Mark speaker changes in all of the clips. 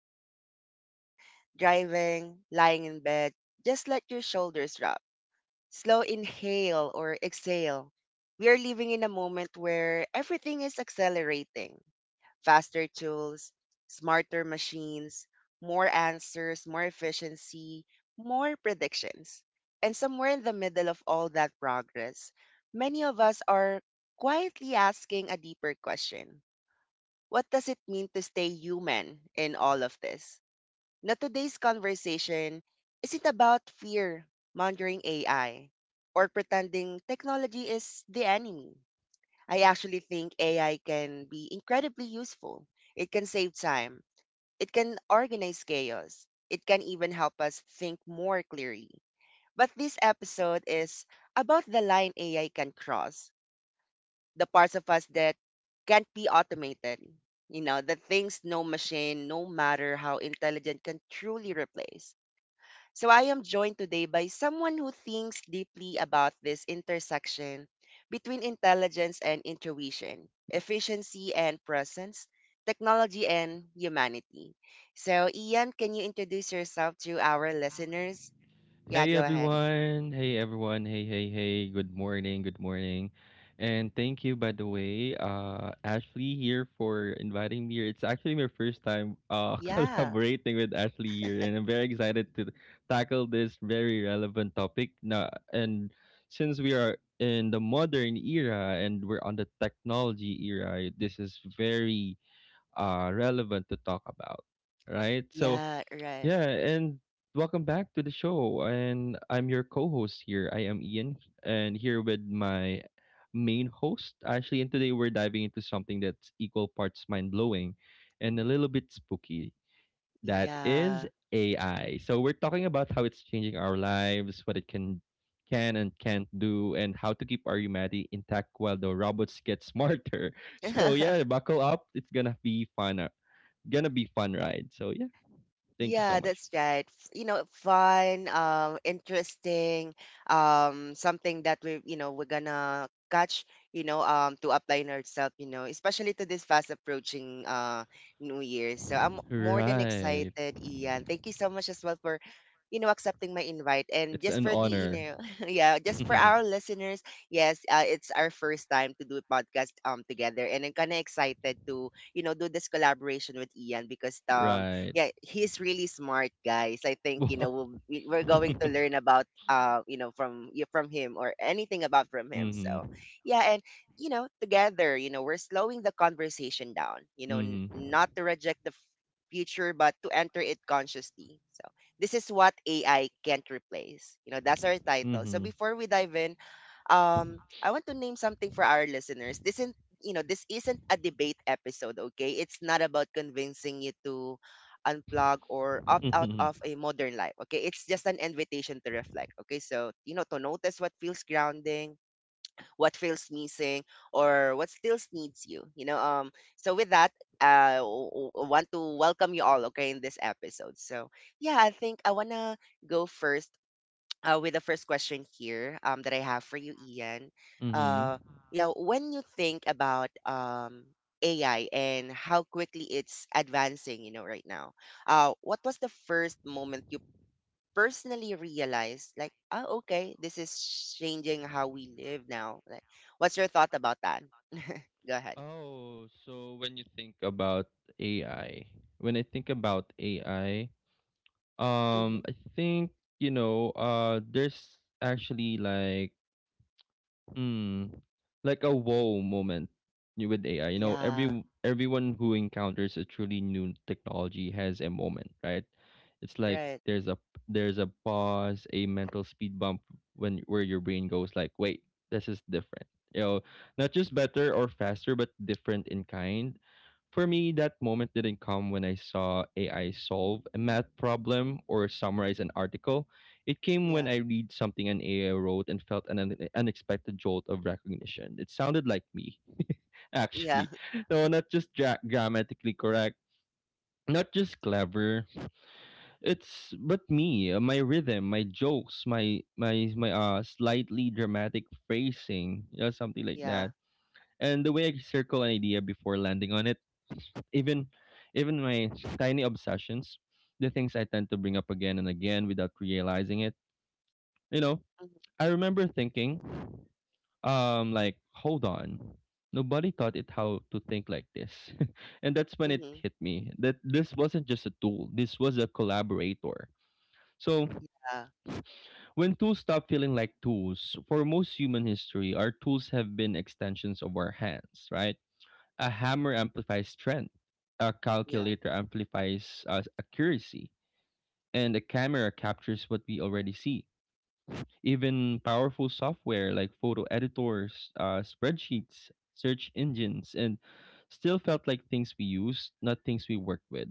Speaker 1: from, walking, driving, lying in bed, just let your shoulders drop. Slow inhale or exhale. We are living in a moment where everything is accelerating. Faster tools, smarter machines, more answers, more efficiency, more predictions. And somewhere in the middle of all that progress, many of us are quietly asking a deeper question. What does it mean to stay human in all of this? Now, today's conversation isn't about fear mongering AI or pretending technology is the enemy. I actually think AI can be incredibly useful. It can save time, it can organize chaos, it can even help us think more clearly. But this episode is about the line AI can cross, the parts of us that can't be automated, the things no machine, no matter how intelligent, can truly replace. So I am joined today by someone who thinks deeply about this intersection between intelligence and intuition, efficiency and presence, technology and humanity. So, Ian, can you introduce yourself to our listeners? Yeah,
Speaker 2: Hey
Speaker 1: go ahead.
Speaker 2: everyone. Hey everyone. Hey, hey, hey. Good morning. And thank you by the way, Ashley here for inviting me here. It's actually my first time
Speaker 1: Yeah,
Speaker 2: collaborating with Ashley here and I'm very excited to tackle this very relevant topic. Now and Since we are in the modern era and we're on the technology era, this is very relevant to talk about, right? So,
Speaker 1: yeah, right.
Speaker 2: yeah, and welcome back to the show. And I'm your co-host here. I am Ian, and here with my main host, Ashley. And today we're diving into something that's equal parts mind-blowing and a little bit spooky. That is
Speaker 1: Yeah.
Speaker 2: AI. So we're talking about how it's changing our lives, what it can and can't do, and how to keep our humanity intact while the robots get smarter. So yeah, buckle up. It's gonna be fun. Gonna be fun ride. So yeah, thank you so
Speaker 1: Yeah,
Speaker 2: much.
Speaker 1: that's right. You know, fun, interesting, something that we we're gonna catch, to apply in ourselves, you know, especially to this fast approaching New Year. So I'm more than
Speaker 2: Right.
Speaker 1: excited, Ian. Thank you so much as well for, you know, accepting my invite. And
Speaker 2: It's
Speaker 1: just
Speaker 2: an
Speaker 1: for the, you
Speaker 2: honor.
Speaker 1: know, yeah, just for our listeners, yes, it's our first time to do a podcast together, and I'm kind of excited to, you know, do this collaboration with Ian because
Speaker 2: Right.
Speaker 1: yeah, he's really smart, guys. I think you
Speaker 2: Wow.
Speaker 1: know we're going to learn about you know from from him, or anything about from him.
Speaker 2: Mhm.
Speaker 1: So yeah, and you know together, you know we're slowing the conversation down. You know,
Speaker 2: Mhm.
Speaker 1: not to reject the future, but to enter it consciously. So this is what AI can't replace. You know, that's our title. So
Speaker 2: Mhm.
Speaker 1: before we dive in, I want to name something for our listeners. This isn't a debate episode, okay? It's not about convincing you to unplug or opt out
Speaker 2: Mhm.
Speaker 1: of a modern life. Okay, it's just an invitation to reflect. Okay, so you know, to notice what feels grounding, what feels missing, or what still needs you. So with that, want to welcome you all. Okay, in this episode. So yeah, I think I wanna go first with the first question here, that I have for you, Ian.
Speaker 2: Mhm.
Speaker 1: Uh, yeah, when you think about AI and how quickly it's advancing, you know, right now, what was the first moment you personally realized, like, oh, okay, this is changing how we live now? Like, what's your thought about that? Go ahead.
Speaker 2: Oh, so when you think about AI, when I think about AI,
Speaker 1: Hmm.
Speaker 2: I think, you know, there's actually Mm, like a whoa moment with AI. You know,
Speaker 1: Yeah,
Speaker 2: everyone who encounters a truly new technology has a moment, right? It's like
Speaker 1: right.
Speaker 2: there's a pause, a mental speed bump when where your brain goes like, wait, this is different. You know, not just better or faster, but different in kind. For me, that moment didn't come when I saw AI solve a math problem or summarize an article. It came when
Speaker 1: Yeah,
Speaker 2: I read something an AI wrote and felt an unexpected jolt of recognition. It sounded like me,
Speaker 1: yeah,
Speaker 2: actually. No, not just grammatically correct, not just clever. It's but me, my rhythm, my jokes, my slightly dramatic phrasing, you know, something like
Speaker 1: yeah.
Speaker 2: that. And the way I circle an idea before landing on it even even my tiny obsessions, the things I tend to bring up again and again without realizing it. You know, I remember thinking, like, hold on. Nobody taught it how to think like this. And that's when it
Speaker 1: Mm-hmm.
Speaker 2: hit me that this wasn't just a tool, this was a collaborator. So,
Speaker 1: Yeah,
Speaker 2: when tools stop feeling like tools, for most human history, our tools have been extensions of our hands, right? A hammer amplifies strength, a
Speaker 1: yeah,
Speaker 2: calculator amplifies accuracy, and the camera captures what we already see. Even powerful software like photo editors, spreadsheets, search engines, and still felt like things we used, not things we worked with.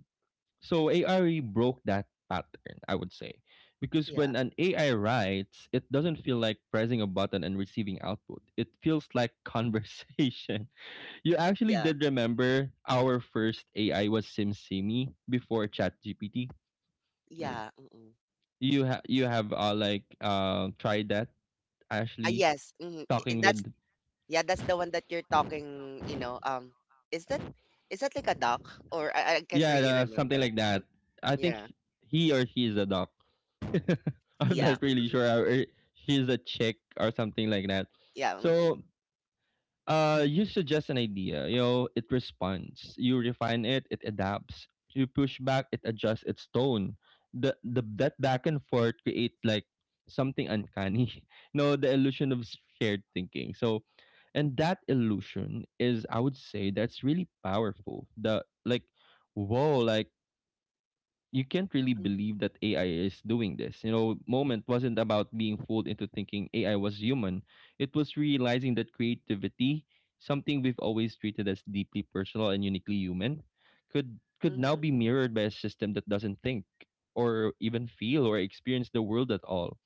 Speaker 2: So AI really broke that pattern, I would say. Because
Speaker 1: yeah,
Speaker 2: when an AI writes, it doesn't feel like pressing a button and receiving output. It feels like conversation. You actually
Speaker 1: yeah,
Speaker 2: did remember our first AI was SimSimi before ChatGPT.
Speaker 1: yeah. Mm-mm.
Speaker 2: You have tried that,
Speaker 1: Ah,
Speaker 2: Ashley,
Speaker 1: yes. Mhm.
Speaker 2: talking
Speaker 1: That's
Speaker 2: with.
Speaker 1: yeah, that's the one that you're talking you know. Is that, is that like a duck, or I can't
Speaker 2: Yeah,
Speaker 1: really
Speaker 2: something
Speaker 1: remember.
Speaker 2: like that.
Speaker 1: Hmm.
Speaker 2: I think
Speaker 1: Yeah.
Speaker 2: sh- he or she is a doc. I'm
Speaker 1: Yeah.
Speaker 2: not really
Speaker 1: Mm-mm.
Speaker 2: sure. Or she's a chick or something like that.
Speaker 1: Yeah. Mm-mm.
Speaker 2: So you suggest an idea, you know, it responds. You refine it, it adapts. You push back, it adjusts its tone. The that back and forth create like something uncanny. No, the illusion of shared thinking. So, and that illusion is, I would say, that's really powerful. The like, whoa, like you can't really
Speaker 1: Mm-hmm.
Speaker 2: believe that AI is doing this. You know, moment wasn't about being fooled into thinking AI was human. It was realizing that creativity, something we've always treated as deeply personal and uniquely human, could now
Speaker 1: Mm-hmm.
Speaker 2: be mirrored by a system that doesn't think or even feel or experience the world at all.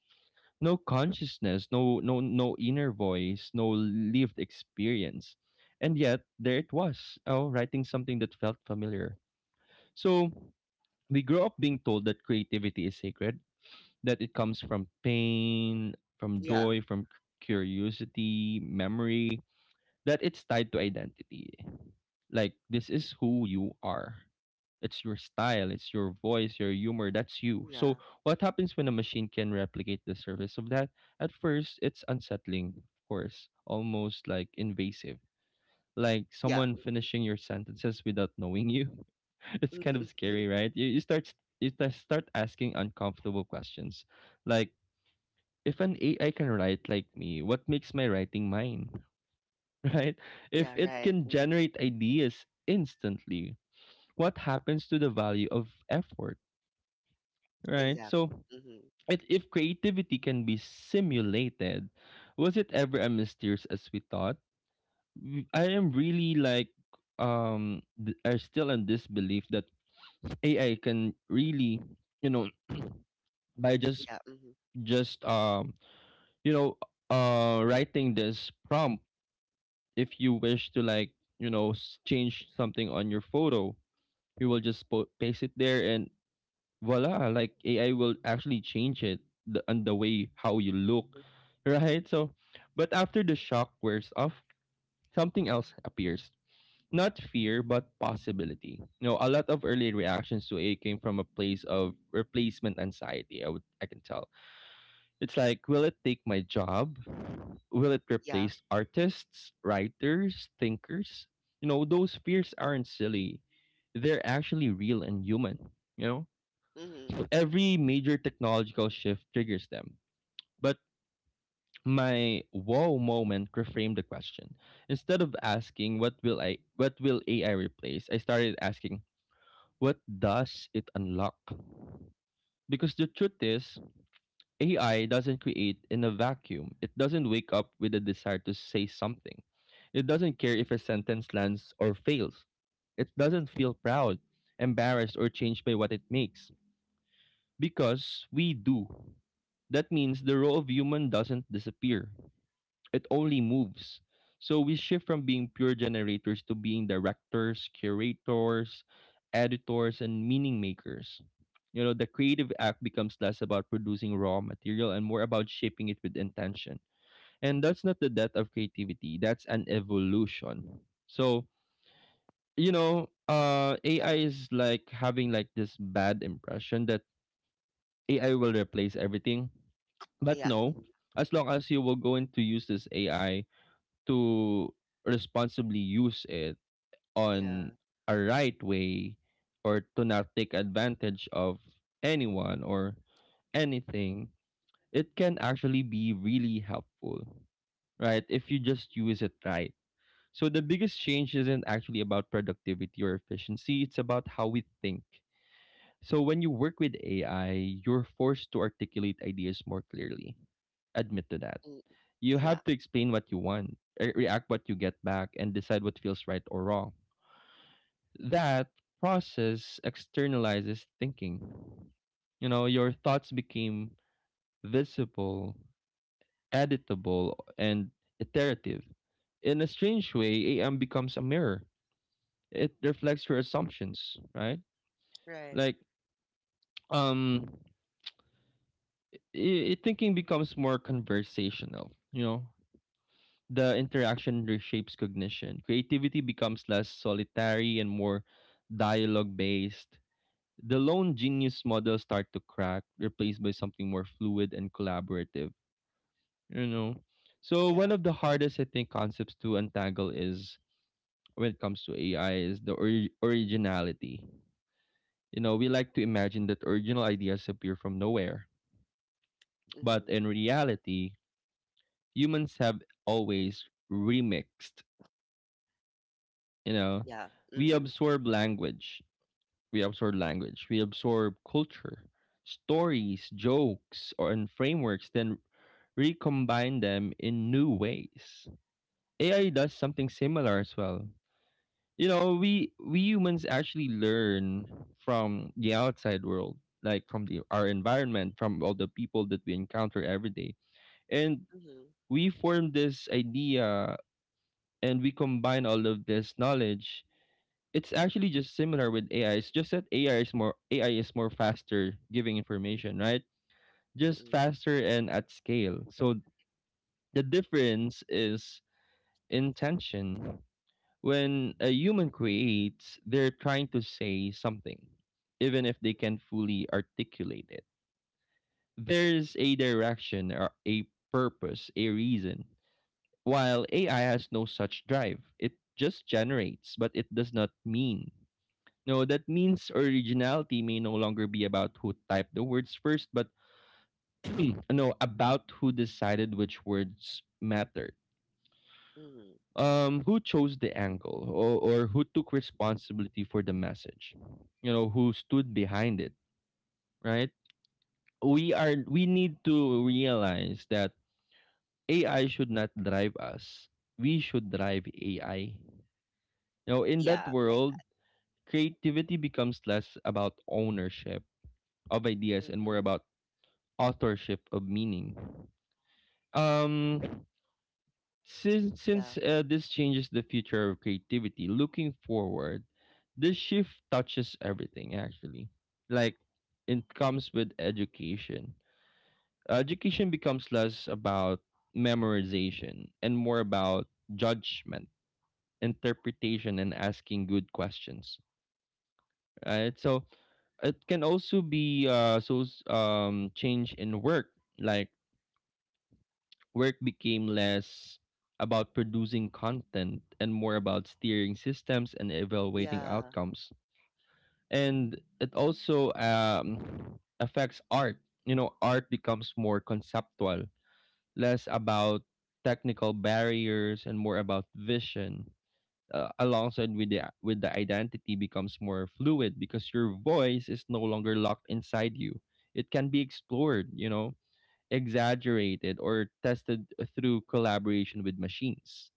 Speaker 2: No consciousness, no inner voice, no lived experience. And yet there it was, oh, writing something that felt familiar. So we grow up being told that creativity is sacred, that it comes from pain, from
Speaker 1: Yeah.
Speaker 2: joy, from curiosity, memory, that it's tied to identity. Like, this is who you are. It's your style, it's your voice, your humor, that's you.
Speaker 1: Yeah.
Speaker 2: So, what happens when a machine can replicate the surface of that? At first, it's unsettling, of course, almost like invasive, like
Speaker 1: Yeah.
Speaker 2: someone
Speaker 1: Mm-mm.
Speaker 2: finishing your sentences without knowing you. It's kind
Speaker 1: Mm-hmm.
Speaker 2: of scary, right? You start asking uncomfortable questions, like if an AI can write like me, what makes my writing mine, right? If
Speaker 1: Yeah,
Speaker 2: it
Speaker 1: right.
Speaker 2: can
Speaker 1: Mm-hmm.
Speaker 2: generate ideas instantly, what happens to the value of effort, right? So,
Speaker 1: Exactly. Mm-hmm.
Speaker 2: it, if creativity can be simulated, was it ever as mysterious as we thought? I am really I still in this belief that AI can really, you know, by
Speaker 1: Yeah. Mm-hmm.
Speaker 2: just you know, writing this prompt, if you wish to like, you know, change something on your photo, you will just paste it there and voila, like AI will actually change it the and the way how you look. Right, so but after the shock wears off, something else appears, not fear but possibility. You know, a lot of early reactions to it came from a place of replacement anxiety, I can tell. It's like, will it take my job, will it
Speaker 1: Yeah.
Speaker 2: replace artists, writers, thinkers? You know, those fears aren't silly, they're actually real and human, you know.
Speaker 1: Mm-hmm.
Speaker 2: Every major technological shift triggers them, but my wow moment reframed the question. Instead of asking what will AI replace, I started asking, what does it unlock? Because the truth is, AI doesn't create in a vacuum. It doesn't wake up with a desire to say something. It doesn't care if a sentence lands or fails. It doesn't feel proud, embarrassed, or changed by what it makes. Because we do. That means the role of human doesn't disappear, it only moves. So we shift from being pure generators to being directors, curators, editors, and meaning makers. You know, the creative act becomes less about producing raw material and more about shaping it with intention. And that's not the death of creativity, that's an evolution. So, you know,
Speaker 1: Yeah.
Speaker 2: AI is like having like this bad impression that AI will replace everything. But
Speaker 1: Yeah.
Speaker 2: no, as long as you will going to use this AI to responsibly use it on a right way or to not take advantage of anyone or anything, it can actually be really helpful, right? If you just use it right. So the biggest change isn't actually about productivity or efficiency, it's about how we think. So when you work with AI, you're forced to articulate ideas more clearly. Admit to that
Speaker 1: Mm-mm. Yeah. Mm-mm.
Speaker 2: you
Speaker 1: Yeah.
Speaker 2: have to explain what you want, react what you get back, and decide what feels right or wrong. That process externalizes thinking. You know, your thoughts became visible, editable, and iterative. In a strange way, AM becomes a mirror. It reflects your assumptions, right?
Speaker 1: Right.
Speaker 2: Like, um, thinking becomes more conversational, you know. The interaction reshapes cognition. Creativity becomes less solitary and more dialogue based. The lone genius model start to crack, replaced by something more fluid and collaborative. You know, so
Speaker 1: Yeah.
Speaker 2: one of the hardest I think concepts to untangle is when it comes to AI is the originality. You know, we like to imagine that original ideas appear from nowhere, but
Speaker 1: Mm-hmm.
Speaker 2: in reality, humans have always remixed. You know,
Speaker 1: Yeah.
Speaker 2: we
Speaker 1: Mm-hmm.
Speaker 2: absorb language we absorb language, we absorb culture, stories, jokes, or and frameworks, then recombine them in new ways. AI does something similar as well. You know, we humans actually learn from the outside world, like from the our environment, from all the people that we encounter every day. And
Speaker 1: Mm-hmm.
Speaker 2: we form this idea and we combine all of this knowledge. It's actually just similar with AI. It's just that AI is more faster giving information, right? Just
Speaker 1: Mm-mm.
Speaker 2: faster and at scale. So the difference is intention. When a human creates, they're trying to say something, even if they can fully articulate it. There's a direction or a purpose, a reason. While AI has no such drive, it just generates, but it does not mean. No, that means originality may no longer be about who typed the words first, but no, about who decided which words mattered.
Speaker 1: Mm-hmm.
Speaker 2: Who chose the angle, or who took responsibility for the message? You know, who stood behind it, right? We need to realize that AI should not drive us. We should drive AI. Now, in that
Speaker 1: Yeah. Like
Speaker 2: world,
Speaker 1: that.
Speaker 2: creativity becomes less about ownership of ideas and more
Speaker 1: Mm-mm.
Speaker 2: about authorship of meaning. Um,
Speaker 1: Yeah.
Speaker 2: since This changes the future of creativity. Looking forward, this shift touches everything actually. Like it comes with education. Education becomes less about memorization and more about judgment, interpretation, and asking good questions. Right, so it can also be change in work, like work became less about producing content and more about steering systems and evaluating
Speaker 1: Yeah.
Speaker 2: outcomes. And it also affects art. You know, art becomes more conceptual, less about technical barriers and more about vision. Alongside with the identity becomes more fluid because your voice is no longer locked inside you. It can be explored, you know, exaggerated or tested through collaboration with machines,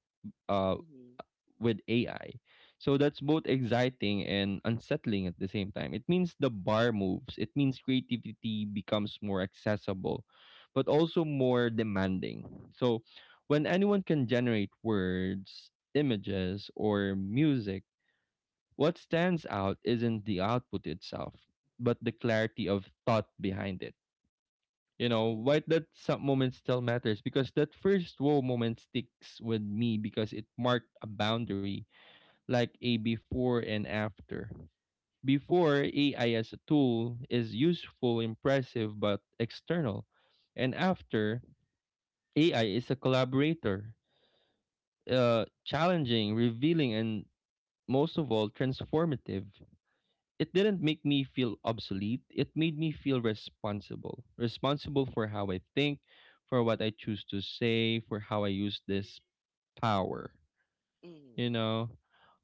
Speaker 2: uh,
Speaker 1: Mm-hmm.
Speaker 2: with AI. So that's both exciting and unsettling at the same time. It means the bar moves, it means creativity becomes more accessible, but also more demanding. So when anyone can generate words, images, or music, what stands out isn't the output itself, but the clarity of thought behind it,
Speaker 1: Mm-hmm.
Speaker 2: why that some moment still matters because that first wow moment sticks with me because it marked a boundary like a before and after. Before, AI as a tool is useful, impressive, but external. And after, AI is a collaborator, challenging, revealing, and most of all, transformative. It didn't make me feel obsolete. It made me feel responsible. Responsible for how I think, for what I choose to say, for how I use this power, you
Speaker 1: Mm-hmm.
Speaker 2: know?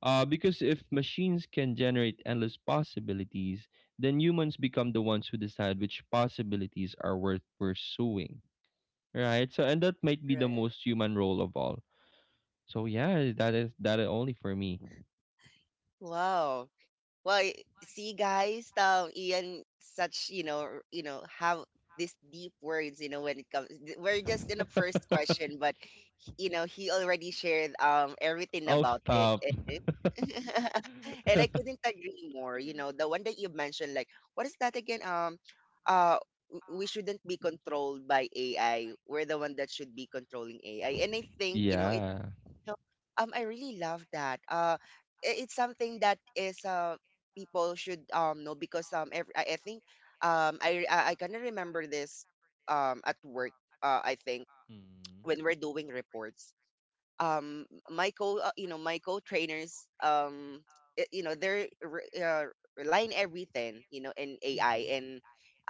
Speaker 2: Because if machines can generate endless possibilities, then humans become the ones who decide which possibilities are worth pursuing, right? So, and that might be the
Speaker 1: Right.
Speaker 2: most human role of all. So, yeah, that is only for me.
Speaker 1: Wow. Well, see, guys, Ian, such, you know, you know, have these deep words, you know, when it comes, we're just in the first question, but, you know, he already shared everything
Speaker 2: Oh,
Speaker 1: about it.
Speaker 2: stop.
Speaker 1: And and I couldn't agree more. You know, the one that you mentioned, like, what is that again? Uh, we shouldn't be controlled by AI. We're the one that should be controlling AI. And I think, you know, it.
Speaker 2: Yeah.
Speaker 1: So, I really love that. It's something that is people should know because every I think I kind of remember this at work. I think
Speaker 2: Mm-hmm.
Speaker 1: when we're doing reports, um my co you know, my co trainers you know, they're relying everything you know in AI,
Speaker 2: Mm-hmm.
Speaker 1: and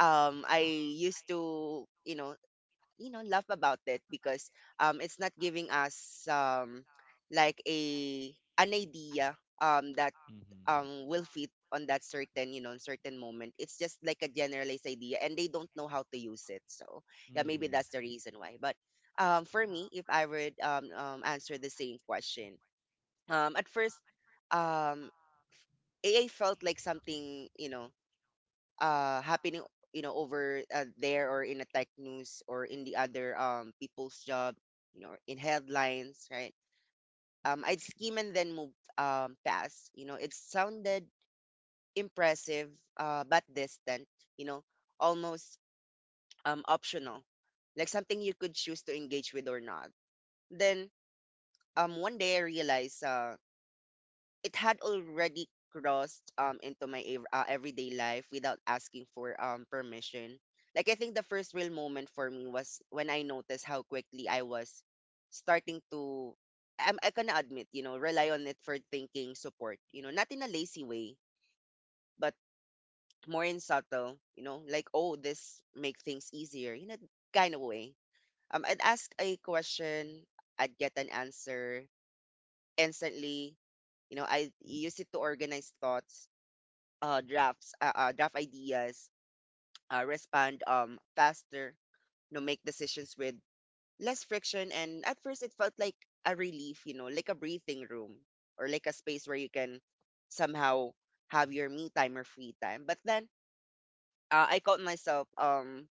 Speaker 1: I used to, you know, laugh about it because it's not giving us, like a, an idea, that
Speaker 2: Mm-hmm.
Speaker 1: will fit on that certain, you know, certain moment. It's just like a generalized idea, and they don't know how to use it. So yeah, maybe
Speaker 2: Mm-hmm.
Speaker 1: that's the reason why. But for me, if I would answer the same question, at first, um AI felt like something, you know, happening, you know, over there, or in the tech news, or in the other people's job, you know, in headlines, right? I'd skim and then move past. You know, it sounded impressive, but distant, you know, almost optional, like something you could choose to engage with or not. Then one day I realized it had already crossed into my everyday life without asking for permission. Like, I think the first real moment for me was when I noticed how quickly I was starting to I'm I gonna admit, you know, rely on it for thinking support, you know, not in a lazy way, but more in subtle, you know, like, oh, this make things easier, you know, kind of way. I'd ask a question, I'd get an answer instantly. You know, I use it to organize thoughts, drafts, draft ideas, respond, faster, you know, make decisions with less friction. And at first, it felt like a relief, you know, like a breathing room, or like a space where you can somehow have your me time or free time. But then I caught myself,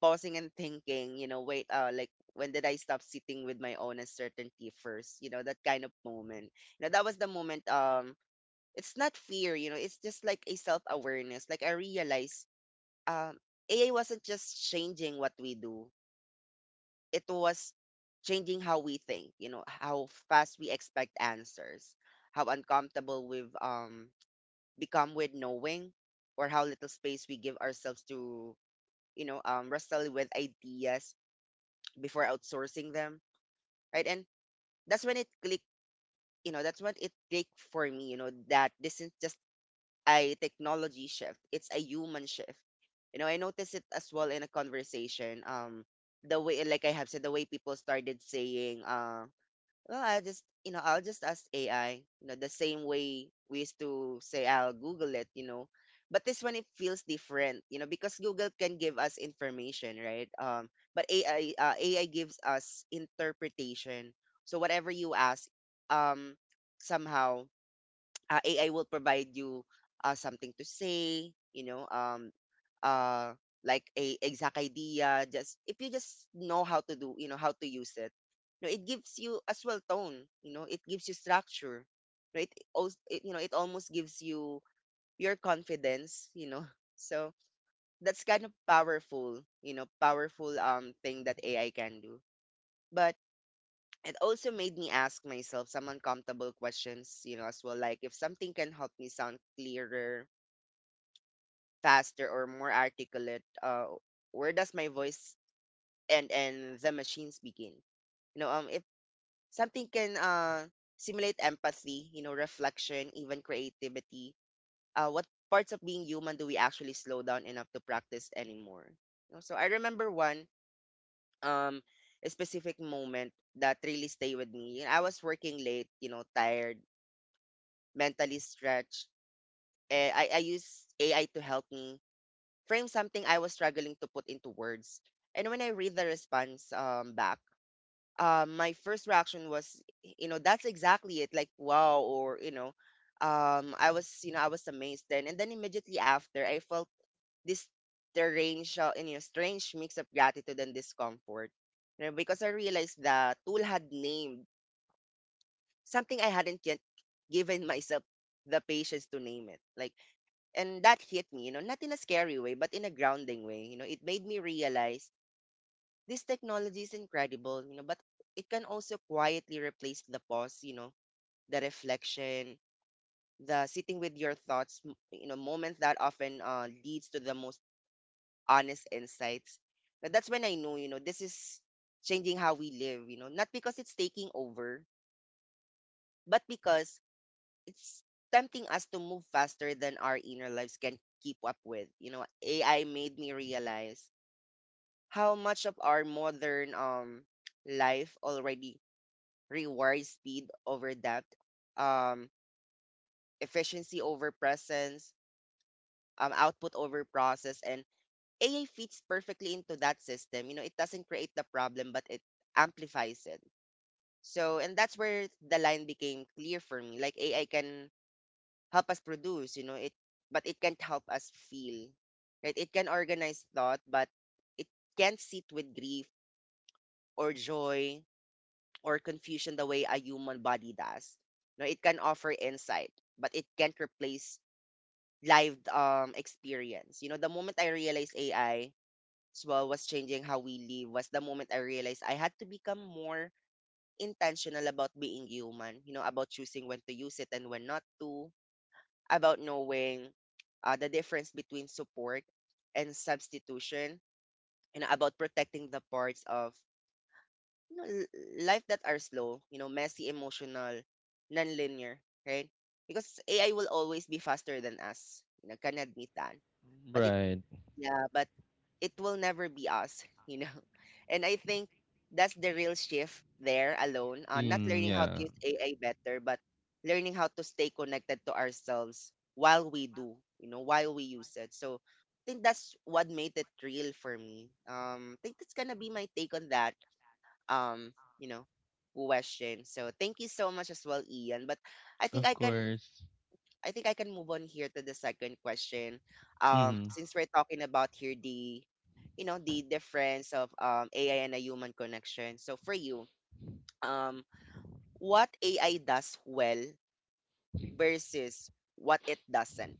Speaker 1: pausing and thinking, you know, wait, like, when did I stop sitting with my own uncertainty first? You know, that kind of moment. You know, that was the moment, it's not fear, you know, it's just like a self awareness. Like, I realized, um, AI wasn't just changing what we do; it was changing how we think. You know, how fast we expect answers, how uncomfortable we've become with knowing, or how little space we give ourselves to, wrestle with ideas before outsourcing them, right? And that's when it clicked. You know, that's when it clicked for me. You know, that this is not just a technology shift. It's a human shift. You know, I noticed it as well in a conversation. The way, like I have said, the way people started saying, well, I just, you know, I'll just ask AI. You know, the same way we used to say, I'll Google it. You know, but this one it feels different. You know, because Google can give us information, right? But AI gives us interpretation. So whatever you ask, um, somehow, AI will provide you something to say, you know, uh, like a exact idea. Just if you just know how to do, you know, how to use it. You know, it gives you as well tone. You know, it gives you structure, right? It you know, it almost gives you your confidence. You know, so that's kind of powerful. You know, powerful thing that AI can do. But it also made me ask myself some uncomfortable questions, you know, as well. Like, if something can help me sound clearer, faster, or more articulate, where does my voice end and the machines begin? You know, if something can simulate empathy, you know, reflection, even creativity, what parts of being human do we actually slow down enough to practice anymore? You know, so I remember one um a specific moment that really stayed with me. I was working late, you know, tired, mentally stretched. I use AI to help me frame something I was struggling to put into words. And when I read the response, back, my first reaction was, you know, that's exactly it. Like, wow, or, you know, I was, you know, I was amazed then. And then immediately after, I felt this strange, strange mix of gratitude and discomfort. You know, because I realized the tool had named something I hadn't yet given myself the patience to name it. Like, and that hit me, you know, not in a scary way but in a grounding way. You know, it made me realize this technology is incredible, you know, but it can also quietly replace the pause, you know, the reflection, the sitting with your thoughts you know, moments that often leads to the most honest insights. But that's when I know, you know, this is changing how we live, you know, not because it's taking over, but because it's tempting us to move faster than our inner lives can keep up with. You know, AI made me realize how much of our modern life already rewards speed over depth, um, efficiency over presence, output over process, and AI fits perfectly into that system. You know, it doesn't create the problem, but it amplifies it. So, and that's where the line became clear for me. Like, AI can help us produce, you know, it, but it can't help us feel. Right? It can organize thought, but it can't sit with grief or joy or confusion the way a human body does. No, it can offer insight, but it can't replace live experience. You know, the moment I realized AI as well was changing how we live was the moment I realized I had to become more intentional about being human, you know, about choosing when to use it and when not to, about knowing the difference between support and substitution, and about protecting the parts of you know, l- life that are slow, you know, messy, emotional, non-linear, right? Because AI will always be faster than us. You know, can admit that. But
Speaker 2: Right.
Speaker 1: but it will never be us, you know. And I think that's the real shift there alone. Not
Speaker 2: Mm,
Speaker 1: learning how to
Speaker 2: yeah.
Speaker 1: use AI better, but learning how to stay connected to ourselves while we do, you know, while we use it. So I think that's what made it real for me. I think that's gonna be my take on that um you know question, so thank you so much as well, Ian, but i think
Speaker 2: Of
Speaker 1: i can
Speaker 2: course.
Speaker 1: I think I can move on here to the second question.
Speaker 2: Mm-hmm.
Speaker 1: Since we're talking about here the you know the difference of AI and a human connection, so for you, um what AI does well versus what it doesn't,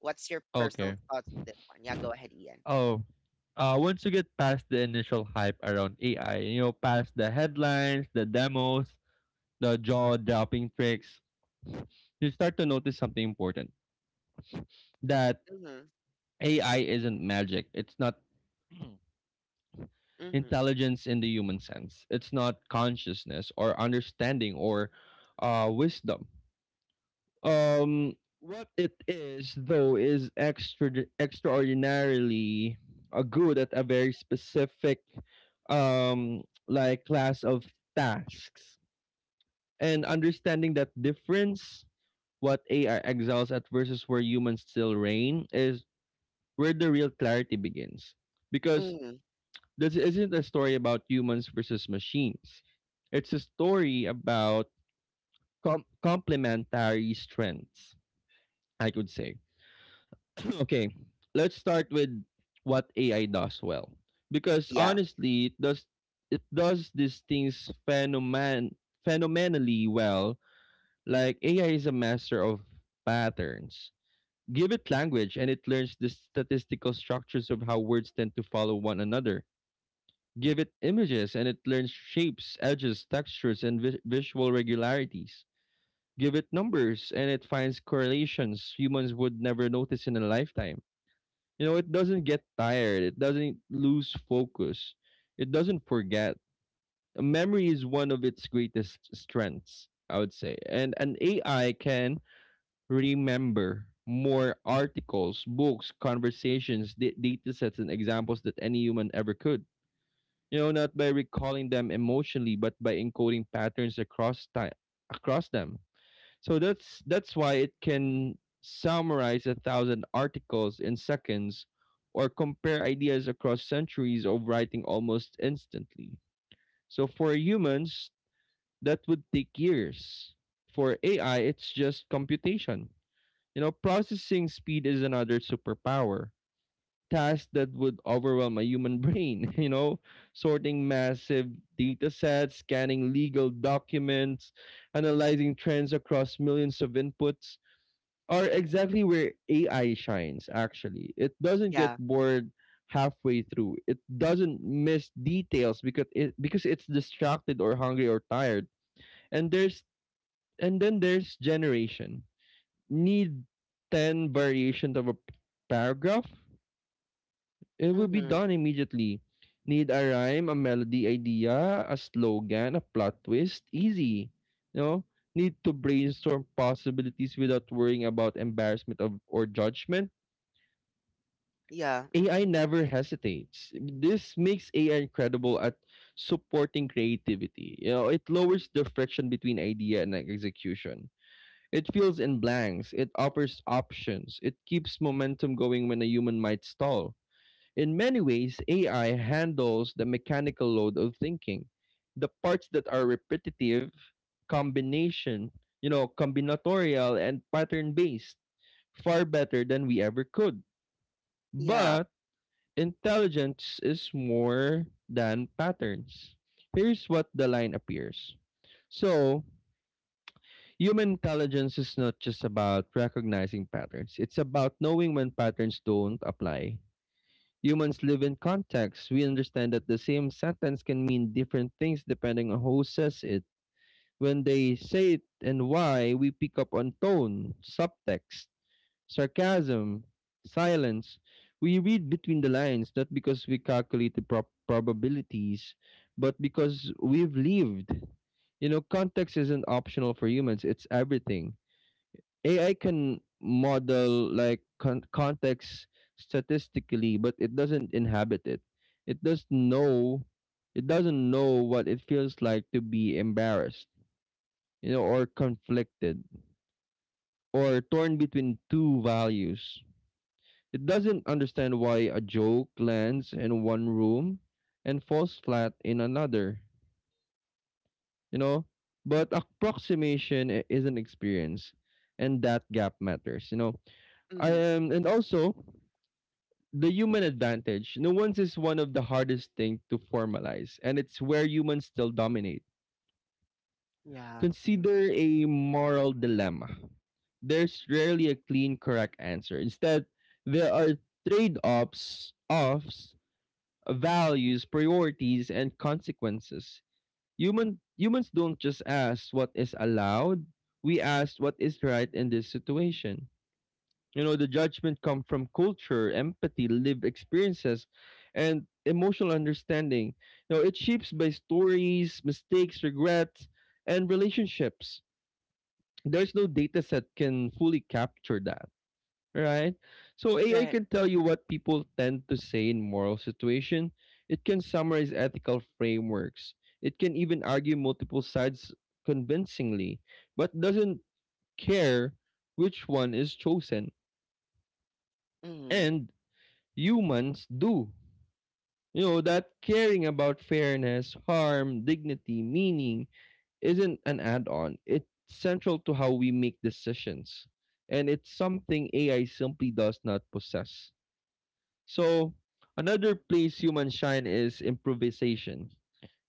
Speaker 1: what's your personal
Speaker 2: Okay.
Speaker 1: thoughts on this one? Yeah, go ahead, Ian.
Speaker 2: Oh, once you get past the initial hype around AI, you know, past the headlines, the demos, the jaw-dropping tricks, you start to notice something important. That
Speaker 1: Hmm.
Speaker 2: AI isn't magic. It's not
Speaker 1: Hmm.
Speaker 2: intelligence in the human sense. It's not consciousness or understanding or wisdom. Um, what it is, though, is extraordinarily good at a very specific um, like class of tasks. And understanding that difference, what AI excels at versus where humans still reign, is where the real clarity begins. Because
Speaker 1: Hmm.
Speaker 2: this isn't a story about humans versus machines. It's a story about complementary strengths, I could say. Okay, let's start with what AI does well. Because
Speaker 1: Yeah.
Speaker 2: honestly, it does these things phenomenally well. Like AI is a master of patterns. Give it language and it learns the statistical structures of how words tend to follow one another. Give it images and it learns shapes, edges, textures, and visual regularities. Give it numbers and it finds correlations humans would never notice in a lifetime. You know, it doesn't get tired, it doesn't lose focus, it doesn't forget. Memory is one of its greatest strengths, I would say. And an AI can remember more articles, books, conversations, data sets, and examples that any human ever could, you know, not by recalling them emotionally, but by encoding patterns across time across them. So that's why it can summarize a thousand articles in seconds or compare ideas across centuries of writing almost instantly. So for humans, that would take years. For AI, it's just computation. You know, processing speed is another superpower. Task that would overwhelm a human brain, you know, sorting massive data sets, scanning legal documents, analyzing trends across millions of inputs are exactly where AI shines, actually. It doesn't get
Speaker 1: Yeah.
Speaker 2: bored halfway through. It doesn't miss details because it's distracted or hungry or tired. And there's and then there's generation. Need 10 variations of a paragraph, it will be
Speaker 1: Hmm.
Speaker 2: done immediately. Need a rhyme, a melody idea, a slogan, a plot twist. Easy. You know? Need to brainstorm possibilities without worrying about embarrassment of, or judgment.
Speaker 1: Yeah.
Speaker 2: AI
Speaker 1: Hmm.
Speaker 2: never hesitates. This makes AI incredible at supporting creativity. You know, it lowers the friction between idea and execution. It fills in blanks. It offers options. It keeps momentum going when a human might stall. In many ways, AI handles the mechanical load of thinking, the parts that are repetitive, combination, you know, combinatorial and pattern based, far better than we ever could.
Speaker 1: Yeah.
Speaker 2: But intelligence is more than patterns. Here's what the line appears. So, human intelligence is not just about recognizing patterns. It's about knowing when patterns don't apply. Humans live in context. We understand that the same sentence can mean different things depending on who says it. When they say it and why, we pick up on tone, subtext, sarcasm, silence. We read between the lines not because we calculate the probabilities, but because we've lived. You know, context isn't optional for humans, it's everything. AI can model like context statistically, but it doesn't inhabit it. It does know It doesn't know what it feels like to be embarrassed, you know, or conflicted or torn between two values. It doesn't understand why a joke lands in one room and falls flat in another, you know? But approximation is an experience and that gap matters, you know. I am and also the human advantage, nuance is one of the hardest things to formalize, and it's where humans still dominate.
Speaker 1: Yeah. Hmm.
Speaker 2: Consider a moral dilemma. There's rarely a clean, correct answer. Instead, there are trade-offs, values, priorities, and consequences. Humans don't just ask what is allowed; we ask what is right in this situation. You know, the judgment come from culture, empathy, lived experiences, and emotional understanding. You know, it shapes by stories, mistakes, regrets, and relationships. There's no data set can fully capture that, right? So AI
Speaker 1: Right.
Speaker 2: can tell you what people tend to say in moral situation. It can summarize ethical frameworks. It can even argue multiple sides convincingly, but doesn't care which one is chosen.
Speaker 1: Hmm.
Speaker 2: And humans do. You know, that caring about fairness, harm, dignity, meaning isn't an add on. It's central to how we make decisions. And it's something AI simply does not possess. So, another place humans shine is improvisation.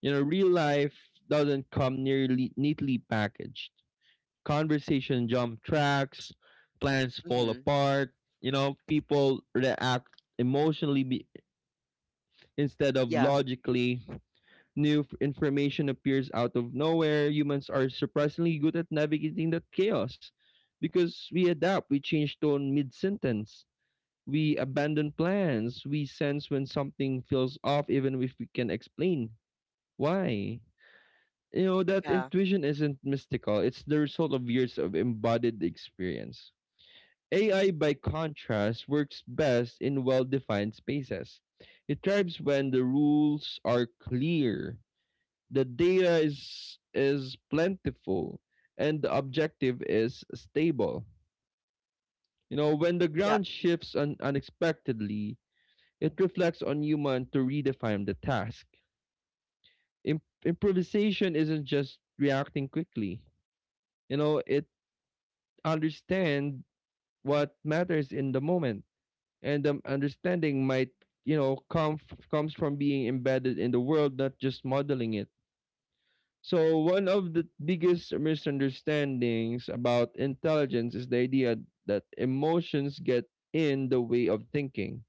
Speaker 2: You know, real life doesn't come nearly neatly packaged. Conversation jump tracks, plans fall
Speaker 1: Hmm.
Speaker 2: apart. You know, people react emotionally be- instead of
Speaker 1: Yeah.
Speaker 2: logically, new information appears out of nowhere. Humans are surprisingly good at navigating that chaos because we adapt, we change tone mid sentence, we abandon plans, we sense when something feels off, even if we can explain why. You know, that
Speaker 1: Yeah.
Speaker 2: intuition isn't mystical, it's the result of years of embodied experience. AI, by contrast, works best in well defined spaces. It thrives when the rules are clear, the data is plentiful and the objective is stable. You know, when the
Speaker 1: Yeah.
Speaker 2: ground
Speaker 1: Mhm.
Speaker 2: shifts unexpectedly, it reflects on human to redefine the task. Improvisation isn't just reacting quickly. You know, it understand what matters in the moment, and the understanding might you know, comes from being embedded in the world, not just modeling it. So one of the biggest misunderstandings about intelligence is the idea that emotions get in the way of thinking.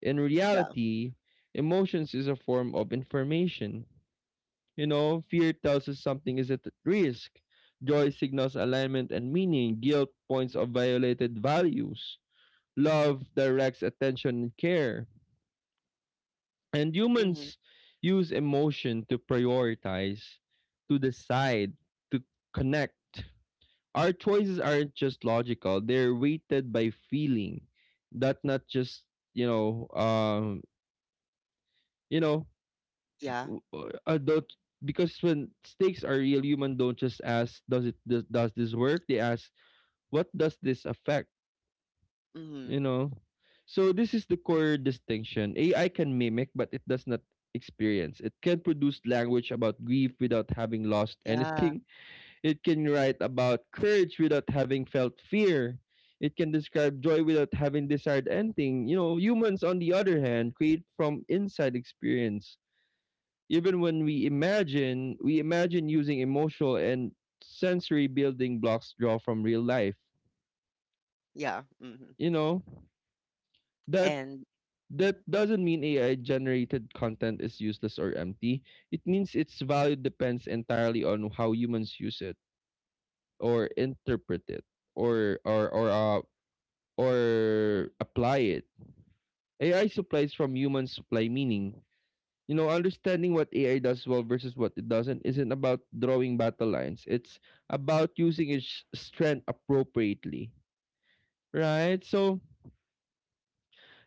Speaker 2: In
Speaker 1: Yeah.
Speaker 2: reality, emotions is a form of information. You know, fear tells us something is at risk. Joy signals alignment and meaning. Guilt points of violated values. Love directs attention and care. And
Speaker 1: Hmm.
Speaker 2: humans use emotion to prioritize, to decide, to connect. Our choices aren't just logical, they're weighted by feeling. That not just, you know, um, you know,
Speaker 1: Yeah.
Speaker 2: don't, because when stakes are real, human don't just ask, does this work? They ask, what does this affect? You
Speaker 1: Hmm.
Speaker 2: know? So this is the core distinction. AI can mimic, but it does not experience. It can produce language about grief without having lost
Speaker 1: Yeah.
Speaker 2: anything. It can write about courage without having felt fear. It can describe joy without having desired anything. You know, humans, on the other hand, create from inside experience. Even when we imagine using emotional and sensory building blocks draw from real life.
Speaker 1: Yeah. Hmm.
Speaker 2: You know, that
Speaker 1: And
Speaker 2: That
Speaker 1: mhm,
Speaker 2: doesn't mean AI generated content is useless or empty. It means its value depends entirely on how humans use it or interpret it or or or uh, or apply it. AI supplies from humans supply meaning. You know, understanding what AI does well versus what it doesn't isn't about drawing battle lines. It's about using its strength appropriately, right? So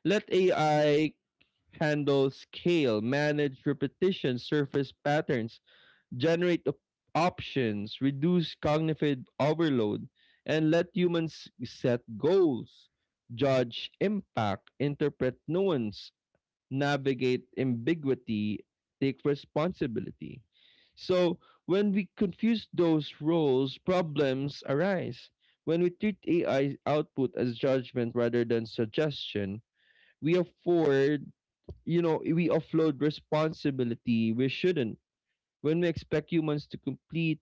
Speaker 2: let AI handle scale, manage repetition, surface patterns, generate options, reduce cognitive overload, and let humans set goals, judge impact, interpret nuance, navigate ambiguity, take responsibility. So, when we confuse those roles, problems arise. When we treat AI output as judgment rather than suggestion, we afford, you know, we offload responsibility we shouldn't. When we expect humans to complete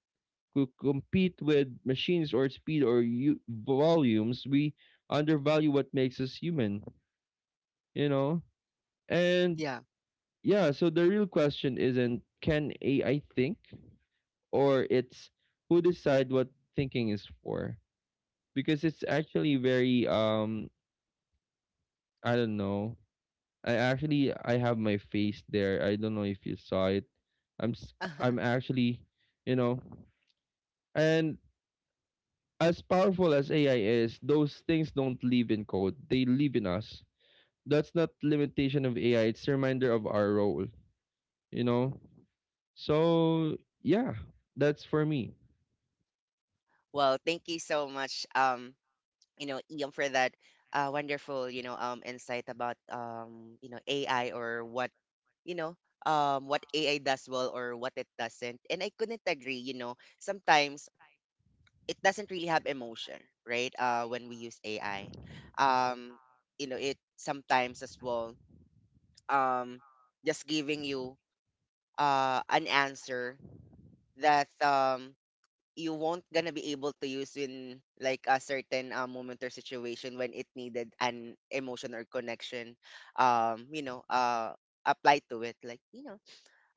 Speaker 2: to compete with machines or speed or volumes, we undervalue what makes us human, you know? And
Speaker 1: yeah.
Speaker 2: yeah, so the real question isn't can AI think, or it's who decide what thinking is for? Because it's actually very I don't know I actually I have my face there. I don't know if you saw it. I'm actually, you know, and as powerful as AI is, those things don't live in code. They live in us. That's not limitation of AI. It's a reminder of our role. You know. So yeah, that's for me.
Speaker 1: Well, thank you so much, you know, Ian, for that wonderful, you know, insight about you know, AI, or what you know what AI does well or what it doesn't. And I couldn't agree, you know, sometimes it doesn't really have emotion, right? When we use AI, um, you know, it sometimes as well, um, just giving you an answer that you won't gonna be able to use in like a certain moment or situation when it needed an emotion or connection, you know, applied to it, like you know,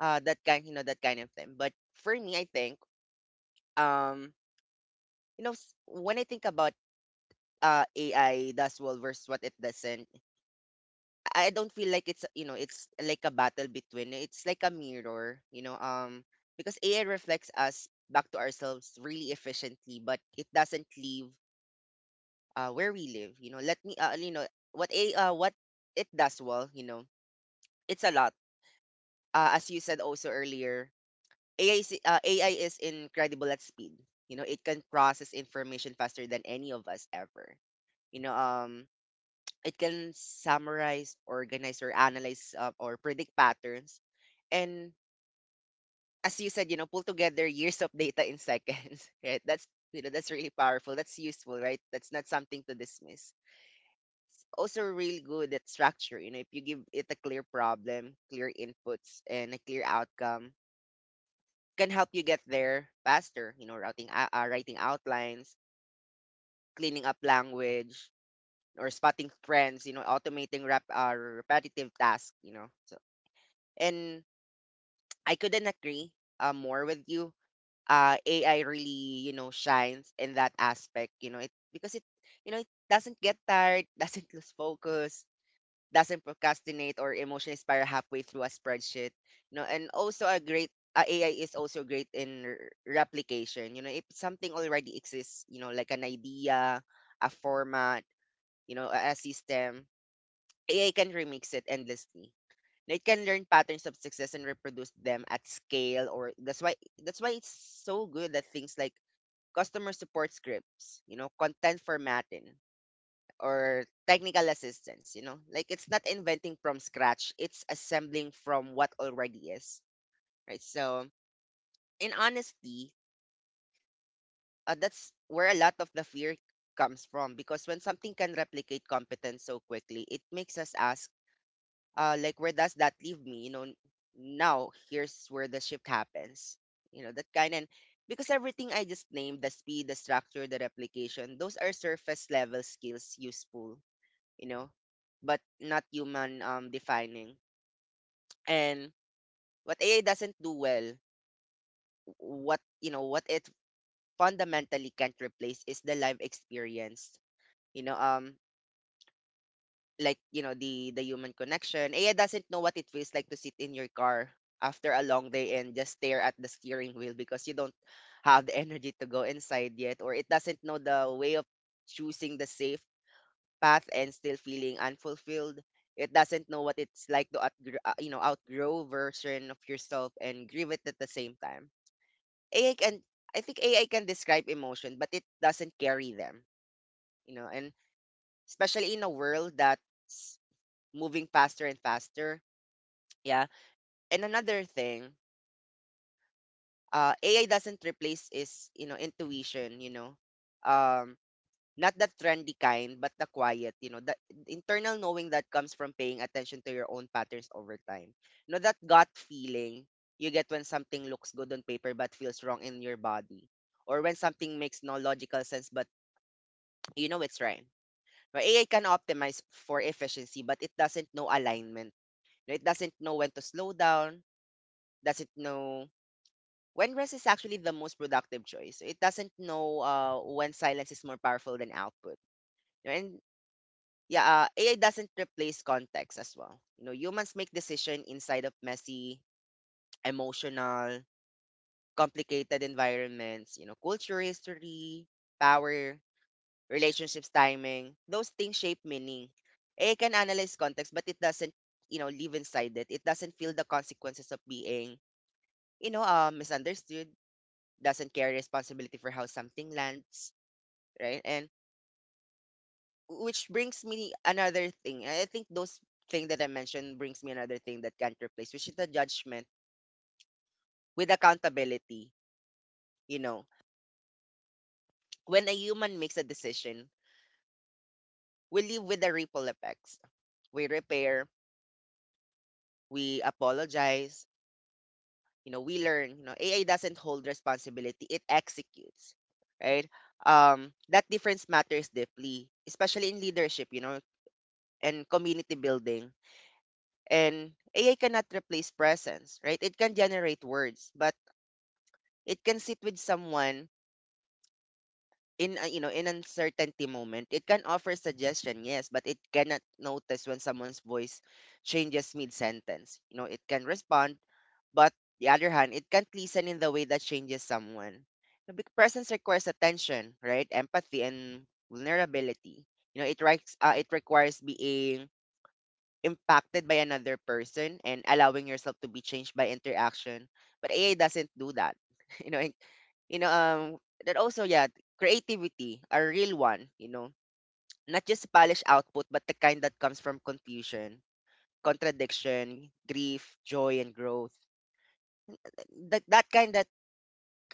Speaker 1: that kind, you know, that kind of thing. But for me, I think, um, you know, when I think about AI does well versus what it doesn't. I don't feel like it's, you know, it's like a battle between. It's like a mirror, you know. Because AI reflects us back to ourselves really efficiently, but it doesn't leave where we live. You know, let me what it does well. You know, it's a lot. As you said also earlier, AI is incredible at speed. You know, it can process information faster than any of us ever, you know um it can summarize, organize, or analyze or predict patterns. And, as you said, you know, pull together years of data in seconds, right? That's, you know, that's really powerful. That's useful, right? That's not something to dismiss. Also, really good at structure. You know, if you give it a clear problem, clear inputs, and a clear outcome, can help you get there faster. You know, routing, writing outlines, cleaning up language, or spotting trends. You know, automating repetitive tasks. You know, so, and I couldn't agree more with you. AI really, you know, shines in that aspect. You know, you know, it doesn't get tired, doesn't lose focus, doesn't procrastinate or emotionally spiral halfway through a spreadsheet. You know, and also a great AI is also great in replication. You know, if something already exists, you know, like an idea, a format, you know, a system, AI can remix it endlessly. They can learn patterns of success and reproduce them at scale. Or that's why, that's why it's so good at things like customer support scripts, you know, content formatting, or technical assistance, you know. Like, it's not inventing from scratch, it's assembling from what already is. Right? So, in honesty, that's where a lot of the fear comes from, because when something can replicate competence so quickly, it makes us ask like, where does that leave me? You know, now here's where the shift happens. You know, that kind, and because everything I just named, the speed, the structure, the replication, those are surface level skills, useful, you know, but not human defining. And what AI doesn't do well, what it fundamentally can't replace is the live experience. You know, like, you know, the human connection. Aya doesn't know what it feels like to sit in your car after a long day and just stare at the steering wheel because you don't have the energy to go inside yet. Or it doesn't know the way of choosing the safe path and still feeling unfulfilled. It doesn't know what it's like to you know, outgrow version of yourself and grieve it at the same time. ai can AI can describe emotion, but it doesn't carry them, you know. And especially in a world that moving faster and faster. Yeah. And another thing, AI doesn't replace is, you know, intuition, you know. Um, not the trendy kind, but the quiet, you know, the internal knowing that comes from paying attention to your own patterns over time. You know, that gut feeling you get when something looks good on paper but feels wrong in your body. Or when something makes no logical sense but you know it's right. Now, AI can optimize for efficiency, but it doesn't know alignment. You know, it doesn't know when to slow down, doesn't know when rest is actually the most productive choice. So, it doesn't know when silence is more powerful than output. And yeah, AI doesn't replace context as well. You know, humans make decision inside of messy, emotional, complicated environments. You know, culture, history, power, relationships, timing. Those things shape meaning. AI can analyze context, but it doesn't, you know, live inside it. It doesn't feel the consequences of being, you know, misunderstood, doesn't carry responsibility for how something lands, right? And which brings me another thing. I think those thing that I mentioned brings me another thing that can't replace, which is the judgment with accountability. You know, when a human makes a decision, we live with the ripple effects. We repair, we apologize, you know, we learn. You know, AI doesn't hold responsibility; it executes, right? That difference matters deeply, especially in leadership. You know, and community building. And AI cannot replace presence, right? It can generate words, but it can sit with someone in a, you know, in uncertainty moment. It can offer suggestion, yes, but it cannot notice when someone's voice changes mid sentence. You know, it can respond, but the other hand, it can't listen in the way that changes someone. You know, presence requires attention, right? Empathy and vulnerability. You know, it requires being impacted by another person and allowing yourself to be changed by interaction. But AI doesn't do that. You know, it- you know, um, that also, yeah, creativity, a real one, you know, not just polished output, but the kind that comes from confusion, contradiction, grief, joy, and growth. That kind that,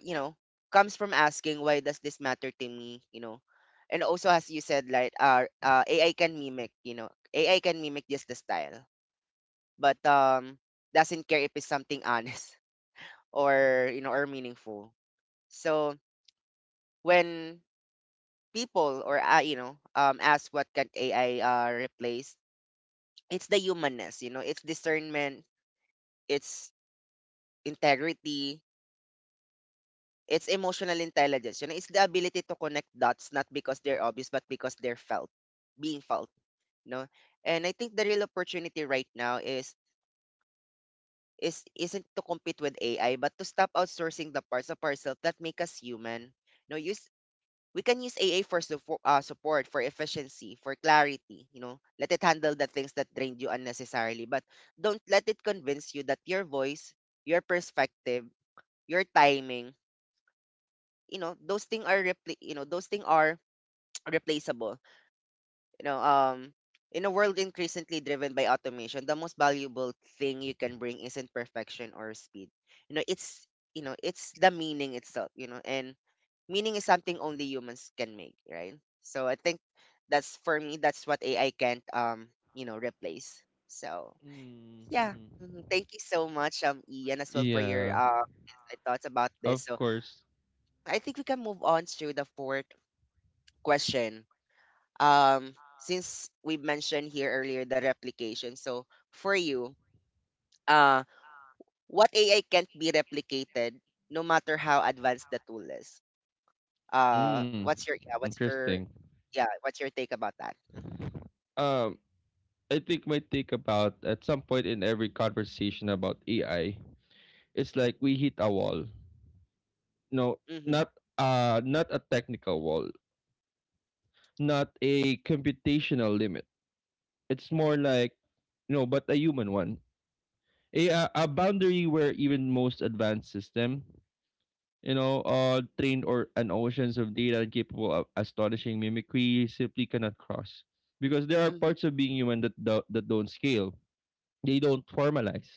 Speaker 1: you know, comes from asking, why does this matter to me, you know. And also, as you said, like, AI can mimic, you know, AI can mimic just the style, but doesn't care if it's something honest or, you know, or meaningful. So, when people, or you know, ask what can AI replace, it's the humanness, you know, it's discernment, it's integrity, it's emotional intelligence. You know, it's the ability to connect dots not because they're obvious but because they're felt, being felt. You know, and I think the real opportunity right now is isn't to compete with AI, but to stop outsourcing the parts of ourselves that make us human. No, use We can use AI for support, for efficiency, for clarity. You know, let it handle the things that drained you unnecessarily, but don't let it convince you that your voice, your perspective, your timing, those things are replaceable. you know, um, in a world increasingly driven by automation, the most valuable thing you can bring isn't perfection or speed. You know, it's it's the meaning itself. You know, and meaning is something only humans can make, right? So I think that's for me. That's what AI can't replace. So yeah.
Speaker 2: Mm-hmm.
Speaker 1: Mhm. Thank you so much, Ian, as well for your
Speaker 2: Yeah,
Speaker 1: insight thoughts about this.
Speaker 2: of
Speaker 1: So
Speaker 2: course.
Speaker 1: I think we can move on to the fourth question, since we mentioned here earlier the replication. So for you, uh what AI can't be replicated no matter how advanced the tool is.
Speaker 2: Mm,
Speaker 1: What's your
Speaker 2: interesting.
Speaker 1: yeah what's your take about that? Mm-hmm.
Speaker 2: Um, I think my take about at some point in every conversation about AI, it's like we hit a wall. No,
Speaker 1: Mm-hmm.
Speaker 2: not not a technical wall, not a computational limit. It's more like you know, but a human one. A boundary where even most advanced system, you know, trained or an oceans of data capable of astonishing mimicry simply cannot cross. Because there are
Speaker 1: Mm-hmm.
Speaker 2: parts of being human that that don't scale. They don't formalize.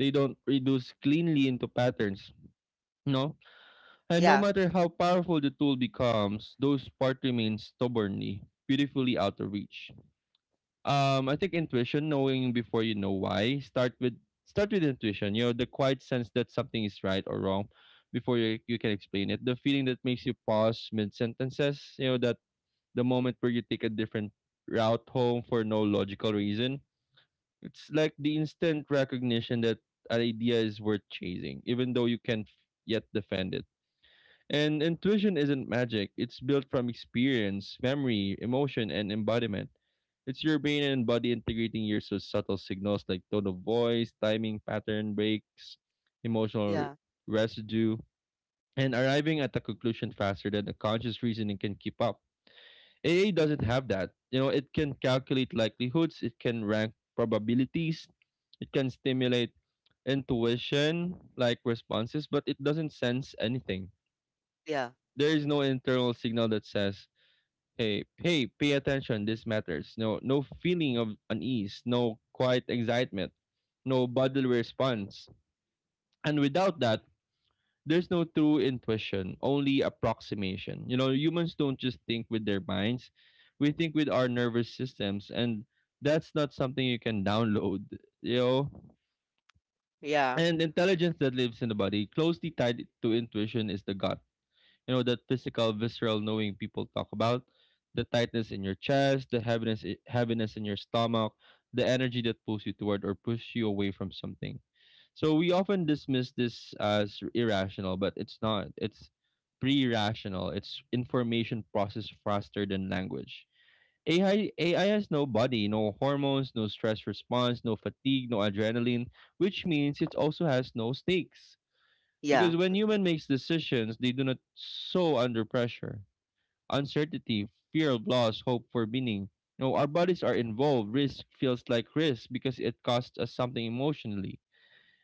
Speaker 2: They don't reduce cleanly into patterns. No, and no
Speaker 1: Yeah.
Speaker 2: matter how powerful the tool becomes, those part remains stubbornly, beautifully out of reach. I think intuition, knowing before you know why, start with intuition. You know, the quiet sense that something is right or wrong before you can explain it. The feeling that makes you pause mid sentences. You know, that the moment where you take a different route home for no logical reason. It's like the instant recognition that an idea is worth chasing, even though you can't yet defend it. And intuition isn't magic, it's built from experience, memory, emotion, and embodiment. It's your brain and body integrating your so subtle signals like tone of voice, timing, pattern breaks, emotional
Speaker 1: Yeah.
Speaker 2: residue, and arriving at a conclusion faster than the conscious reasoning can keep up. A. A. doesn't have that. You know, it can calculate likelihoods, it can rank probabilities, it can stimulate intuition like responses, but it doesn't sense anything.
Speaker 1: Yeah. Mm.
Speaker 2: There is no internal signal that says, "Hey, hey, pay attention. This matters." No, no feeling of unease, no quiet excitement, no bodily response, and without that, there's no true intuition, only approximation. You know, humans don't just think with their minds; we think with our nervous systems, and that's not something you can download. You know,
Speaker 1: Yeah.
Speaker 2: and intelligence that lives in the body, closely tied to intuition, is the gut. You know, that physical, visceral knowing people talk about, the tightness in your chest, the heaviness, heaviness in your stomach, the energy that pulls you toward or pushes you away from something. So we often dismiss this as irrational, but it's not. It's pre-rational. It's information processed faster than language. AI has no body, no hormones, no stress response, no fatigue, no adrenaline, which means it also has no stakes.
Speaker 1: Yeah.
Speaker 2: Because when human makes decisions, they do not so under pressure. Uncertainty, fear of loss, hope for meaning. No, our bodies are involved. Risk feels like risk because it costs us something emotionally.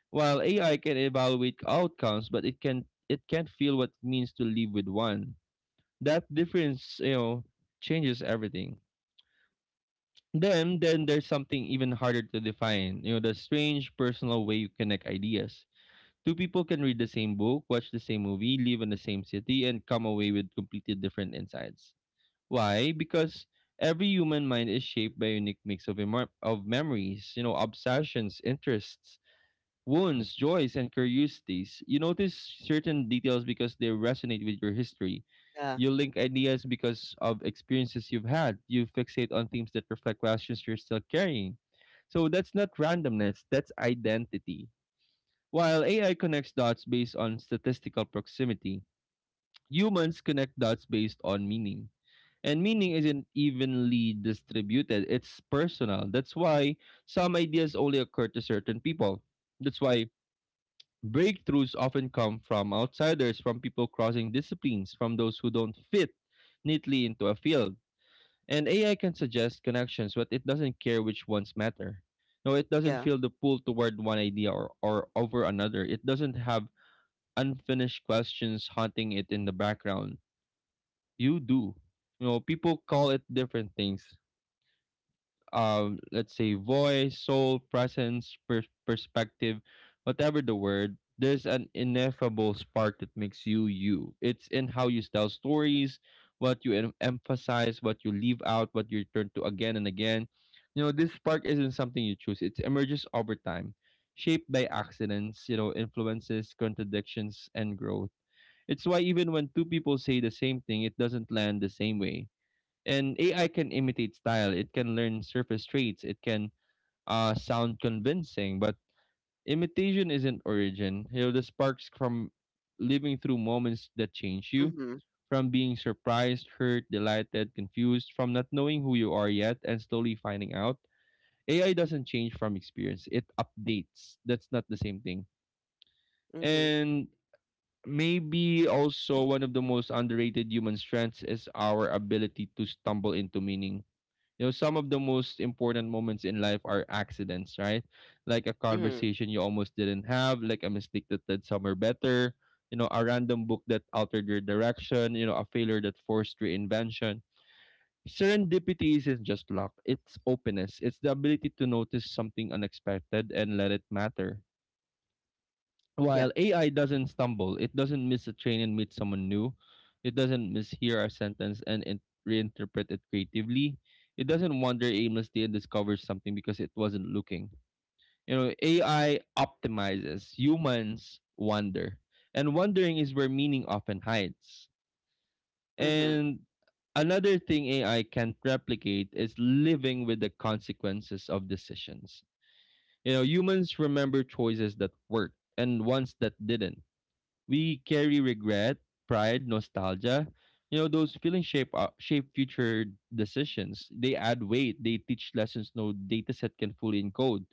Speaker 2: While AI can evaluate outcomes, but it can't feel what it means to live with one. That difference, you know, changes everything. Then there's something even harder to define. You know, the strange personal way you connect ideas. Two people can read the same book, watch the same movie, live in the same city, and come away with completely different insights. Why? Because every human mind is shaped by a unique mix of of memories, you know, obsessions, interests, wounds, joys, and curiosities. You notice certain details because they resonate with your history.
Speaker 1: Yeah.
Speaker 2: You link ideas because of experiences you've had. You fixate on themes that reflect questions you're still carrying. So that's not randomness, that's identity. While AI connects dots based on statistical proximity, humans connect dots based on meaning. And meaning isn't evenly distributed, it's personal. That's why some ideas only occur to certain people. That's why breakthroughs often come from outsiders, from people crossing disciplines, from those who don't fit neatly into a field. And AI can suggest connections, but it doesn't care which ones matter. No, it doesn't
Speaker 1: Yeah.
Speaker 2: feel the pull toward one idea or over another. It doesn't have unfinished questions haunting it in the background. You do. You know, people call it different things. Let's say voice, soul, presence, perspective, whatever the word. There's an ineffable spark that makes you you. It's in how you tell stories, what you emphasize, what you leave out, what you return to again and again. You know, this spark isn't something you choose. It emerges over time, shaped by accidents, you know, influences, contradictions, and growth. It's why even when two people say the same thing, it doesn't land the same way. And AI can imitate style, it can learn surface traits, it can sound convincing, but imitation isn't origin. You know, the sparks from living through moments that change you,
Speaker 1: Mm-hmm.
Speaker 2: from being surprised, hurt, delighted, confused, from not knowing who you are yet and slowly finding out. AI doesn't change from experience, it updates. That's not the same thing.
Speaker 1: Mm-hmm.
Speaker 2: And maybe also one of the most underrated human strengths is our ability to stumble into meaning. You know, some of the most important moments in life are accidents, right? Like a
Speaker 1: Mm-hmm.
Speaker 2: conversation you almost didn't have, like a mistake that led somewhere better, you know, a random book that altered your direction, you know, a failure that forced reinvention. Serendipity isn't just luck, it's openness. It's the ability to notice something unexpected and let it matter.
Speaker 1: Yeah.
Speaker 2: While AI doesn't stumble, it doesn't miss a train and meet someone new. It doesn't mishear a sentence and reinterpret it creatively. It doesn't wander aimlessly and discovers something because it wasn't looking. You know, AI optimizes, humans wander. And wandering is where meaning often hides.
Speaker 1: Mm-hmm.
Speaker 2: And another thing AI can't replicate is living with the consequences of decisions. You know, humans remember choices that worked and ones that didn't. We carry regret, pride, nostalgia. You know, those feelings shape future decisions. They add weight. They teach lessons no data set can fully encode.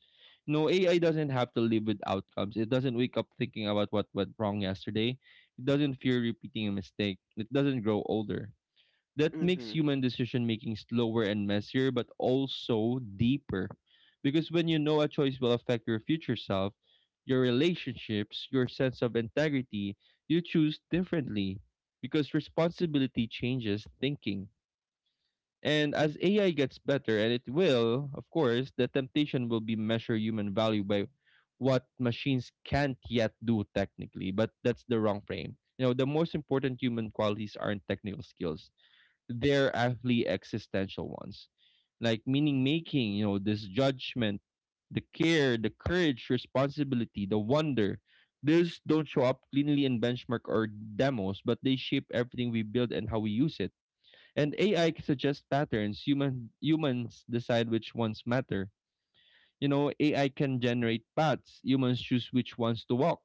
Speaker 2: No, AI doesn't have to live with outcomes. It doesn't wake up thinking about what went wrong yesterday. It doesn't fear repeating a mistake. It doesn't grow older. That makes
Speaker 1: Mm-hmm.
Speaker 2: human decision making slower and messier, but also deeper. Because when you know a choice will affect your future self, your relationships, your sense of integrity, you choose differently. Because responsibility changes thinking. And as AI gets better, and it will, of course, the temptation will be measure human value by what machines can't yet do technically, but that's the wrong frame. You know, the most important human qualities aren't technical skills, they're actually existential ones, like meaning making, you know, this judgment, the care, the courage, responsibility, the wonder. These don't show up cleanly in benchmark or demos, but they shape everything we build and how we use it. And AI can suggest patterns, humans decide which ones matter. You know, AI can generate paths, humans choose which ones to walk.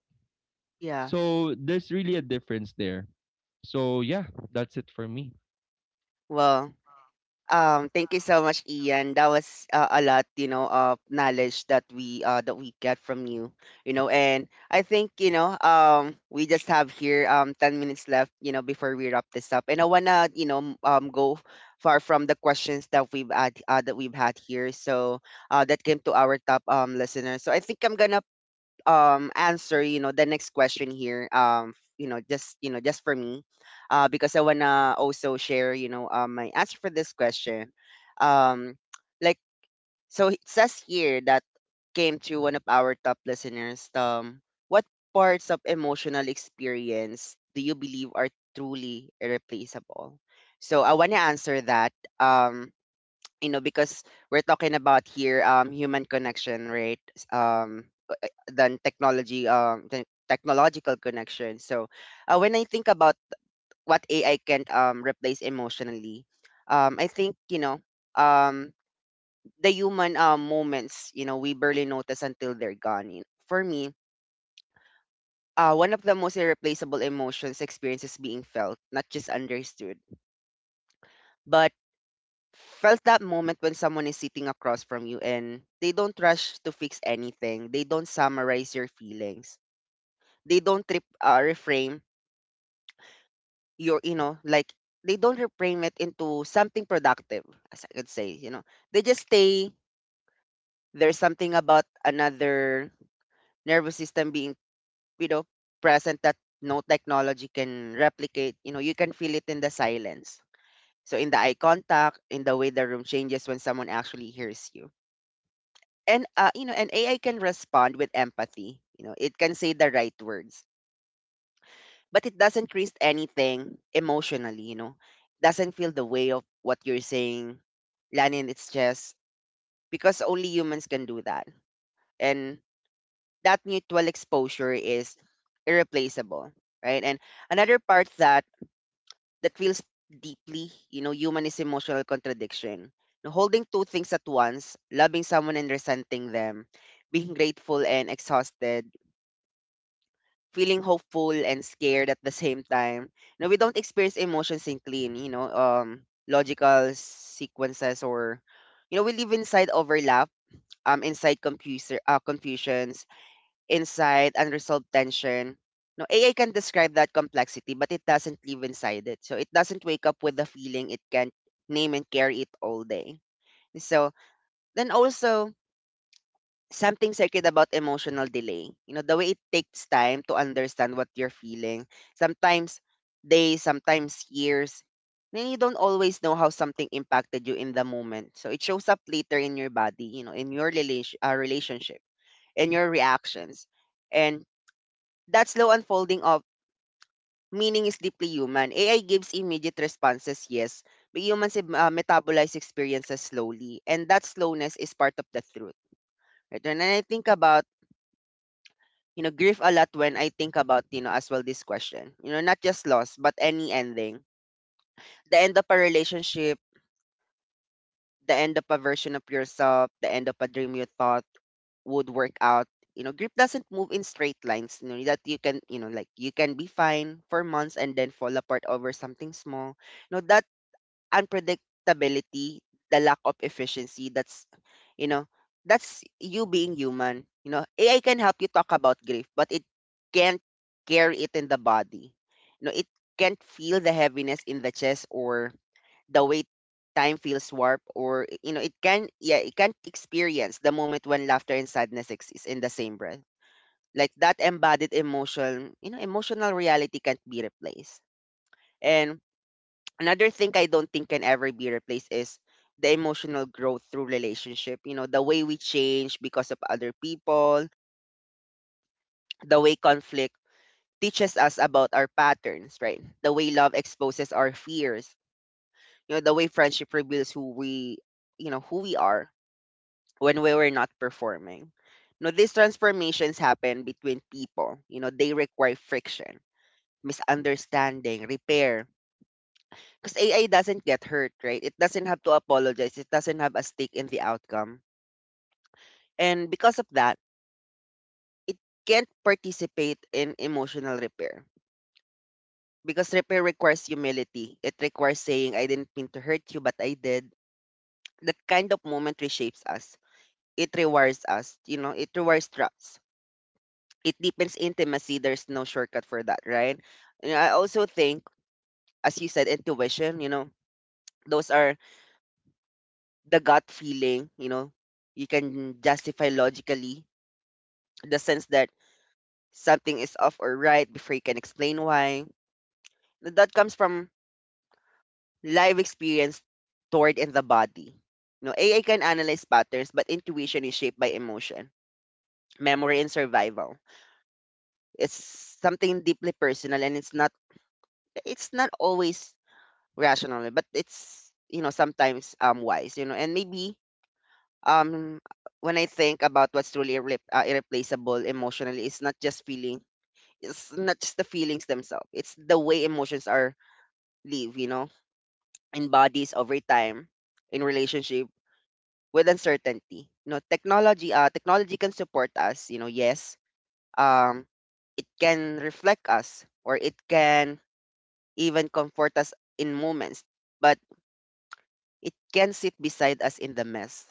Speaker 1: Yeah.
Speaker 2: So there's really a difference there. So yeah, that's it for me.
Speaker 1: Well, thank you so much, Ian. That was a lot, you know, of knowledge that we get from you, you know. And I think you know, we just have here 10 minutes left, you know, before we wrap this up. And I wanna, you know, go far from the questions that we've had here, so that came to our top listeners. So I think I'm gonna answer you know the next question here just for me, because I want to also share my answer for this question. um like so it says here that came to one of our top listeners, what parts of emotional experience do you believe are truly irreplaceable? So I want to answer that. um you know, because we're talking about here human connection, right? um than technology, than technological connection. So when I think about what AI can replace emotionally, I think you know, um the human moments you know we barely notice until they're gone. You know. For me, one of the most irreplaceable emotions experiences being felt, not just understood, but felt. That moment when someone is sitting across from you and they don't rush to fix anything. They don't summarize your feelings. They don't trip, reframe your you know like They don't reframe it into something productive, as I could say, you know. They just stay. There's something about another nervous system being, you know, present that no technology can replicate. You know, you can feel it in the silence, in the eye contact, in the way the room changes when someone actually hears you. And you know, an AI can respond with empathy. You know, it can say the right words, but it doesn't risk anything emotionally, you know. Doesn't feel the way of what you're saying, land in its chest, because only humans can do that. And that mutual exposure is irreplaceable, right? And another part that feels deeply, you know, human is emotional contradiction. Now, holding two things at once, loving someone and resenting them, being grateful and exhausted, feeling hopeful and scared at the same time. No, we don't experience emotions in clean, logical sequences. Or, you know, we live inside overlap, inside confusions, inside unresolved tension. No, AI can describe that complexity, but it doesn't live inside it. So it doesn't wake up with the feeling. It can't name and carry it all day. So then also, something sacred about emotional delay. You know, the way it takes time to understand what you're feeling. Sometimes days, sometimes years. Then you don't always know how something impacted you in the moment. So it shows up later in your body, you know, in your relationship, in your reactions. And that slow unfolding of meaning is deeply human. AI gives immediate responses, yes, but humans metabolize experiences slowly. And that slowness is part of the truth. Right? When I think about, you know, grieve a lot when I think about, you know, as well this question. You know, not just loss, but any ending. The end of a relationship, the end of a version of yourself, the end of a dream you thought would work out. You know, grief doesn't move in straight lines. You know, that you can, you know, like, you can be fine for months and then fall apart over something small. You know, that unpredictability, the lack of efficiency. That's, you know, that's you being human. You know, AI can help you talk about grief, but it can't carry it in the body. You know, it can't feel the heaviness in the chest or the way time feels warped. Or, you know, it can, yeah, it can't experience the moment when laughter and sadness exist in the same breath. Like that embodied emotion, you know, emotional reality can't be replaced. And another thing I don't think can ever be replaced is the emotional growth through relationship. You know, the way we change because of other people, the way conflict teaches us about our patterns, right? The way love exposes our fears, you know, the way friendship reveals who we are when we were not performing. You know, these transformations happen between people. You know, they require friction, misunderstanding, repair. Because AI doesn't get hurt, right? It doesn't have to apologize. It doesn't have a stake in the outcome. And because of that, it can't participate in emotional repair. Because repair requires humility. It requires saying, I didn't mean to hurt you, but I did. That kind of moment reshapes us. It rewires us. You know, it rewires trust. It deepens intimacy. There's no shortcut for that, right? And I also think, as you said, intuition, you know, those are the gut feeling, you know, you can justify logically the sense that something is off or right before you can explain why. That comes from live experience stored in the body. You know, AI can analyze patterns, but intuition is shaped by emotion, memory, and survival. It's something deeply personal, and it's not always rational, but it's, you know, sometimes wise. You know, and maybe, um when I think about what's truly irreplaceable emotionally, it's not just feeling, it's not just the feelings themselves, it's the way emotions are live, you know, in bodies over time, in relationship, with uncertainty. You know, technology technology can support us, you know, yes, um it can reflect us, or it can even comfort us in moments. But it can sit beside us in the mess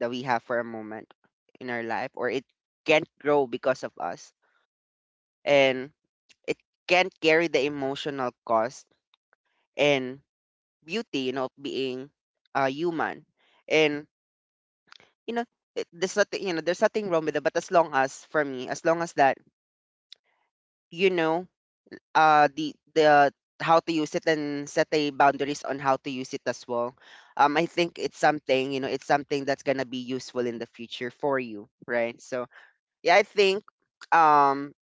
Speaker 1: that we have for a moment in our life, or it can't grow because of us. And it can't carry the emotional cost and beauty, you know, of being human. And you know, there's nothing, you know, there's nothing wrong with it. But as long as for me, as long as that, you know, the how to use it and set a boundaries on how to use it as well. I think it's something, you know, it's something that's gonna be useful in the future for you, right? So yeah, I think um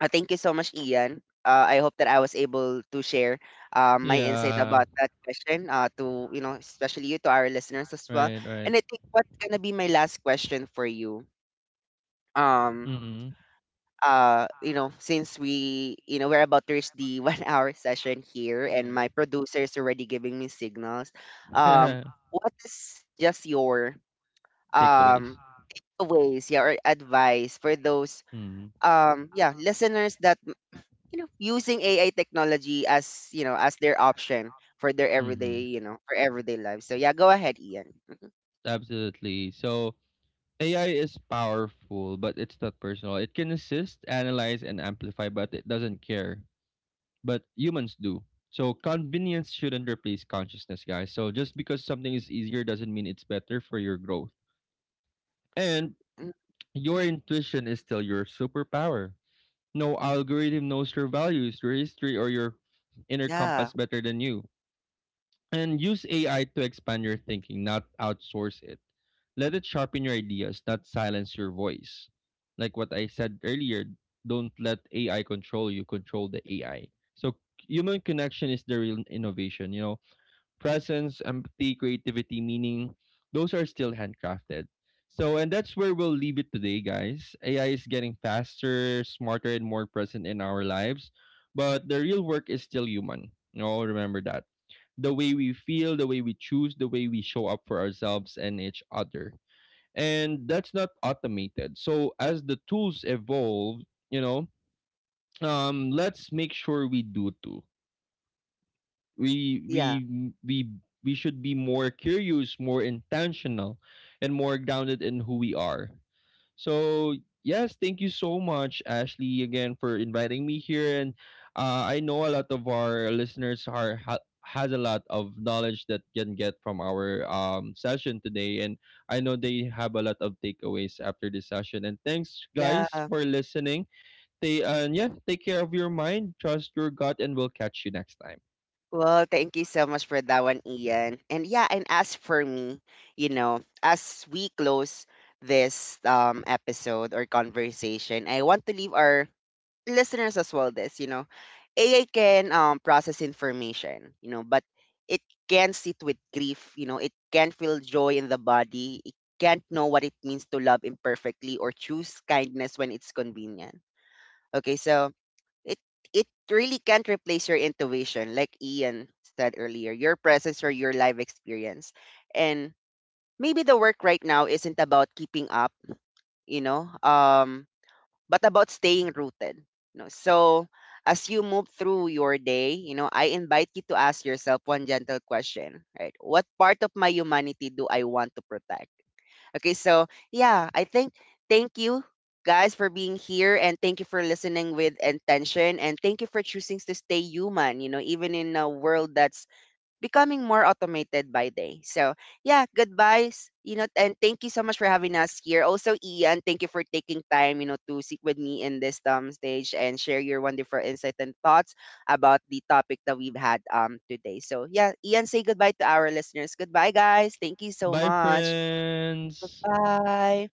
Speaker 1: Thank you so much, Ian. I hope that I was able to share my insight about that question to, you know, especially you, to our listeners as well.
Speaker 2: Right,
Speaker 1: And
Speaker 2: right.
Speaker 1: I think what's going to be my last question for you, um,
Speaker 2: Mm-hmm.
Speaker 1: you know, since we, you know, we're about to reach the 1 hour session here and my producer is already giving me signals. Um, what is just your
Speaker 2: Takeaways.
Speaker 1: um, ways, yeah, or advice for those,
Speaker 2: Mm-hmm.
Speaker 1: yeah, listeners that you know using AI technology as you know as their option for their everyday
Speaker 2: Mm-hmm.
Speaker 1: you know for everyday life. So yeah, go ahead, Ian. Mhm.
Speaker 2: Absolutely. So AI is powerful, but it's not personal. It can assist, analyze, and amplify, but it doesn't care. But humans do. So convenience shouldn't replace consciousness, guys. So just because something is easier doesn't mean it's better for your growth. And
Speaker 1: Mm.
Speaker 2: your intuition is still your superpower. No algorithm knows your values, your history, or your inner
Speaker 1: Yeah,
Speaker 2: compass better than you. And use AI to expand your thinking, not outsource it. Let it sharpen your ideas, not silence your voice. Like what I said earlier, don't let AI control you, control the AI. So human connection is the real innovation, you know, presence, empathy, creativity, meaning, those are still handcrafted. So, and that's where we'll leave it today, guys. AI is getting faster, smarter, and more present in our lives, but the real work is still human. You know, remember that. The way we feel, the way we choose, the way we show up for ourselves and each other. And that's not automated. So, as the tools evolve, you know, let's make sure we do too we we
Speaker 1: yeah,
Speaker 2: we we should be more curious, more intentional, and more grounded in who we are. So yes, thank you so much, Ashley, again for inviting me here. And I know a lot of our listeners has a lot of knowledge that can get from our session today, and I know they have a lot of takeaways after this session. And thanks,
Speaker 1: yeah.
Speaker 2: guys, for listening. Stay and yeah, take care of your mind, trust your gut, and we'll catch you next time.
Speaker 1: Well, thank you so much for that one, Ian. And yeah, and as for me, you know, as we close this episode or conversation, I want to leave our listeners as well this, you know, AI can process information, you know, but it can sit with grief, you know, it can feel joy in the body, it can't know what it means to love imperfectly or choose kindness when it's convenient. Okay, so it it really can't replace your intuition, like Ian said earlier, your presence or your life experience. And maybe the work right now isn't about keeping up, you know, but about staying rooted, you know. So as you move through your day, you know, I invite you to ask yourself one gentle question, right? What part of my humanity do I want to protect? Okay, so yeah, I think thank you guys for being here, and thank you for listening with intention, and thank you for choosing to stay human, you know, even in a world that's becoming more automated by day. So yeah, goodbyes, you know, and thank you so much for having us here. Also, Ian, thank you for taking time, you know, to sit with me in this stage and share your wonderful insight and thoughts about the topic that we've had today. So yeah, Ian, say goodbye to our listeners. Goodbye, guys. Thank you so
Speaker 2: Bye,
Speaker 1: much.
Speaker 2: friends.
Speaker 1: Bye.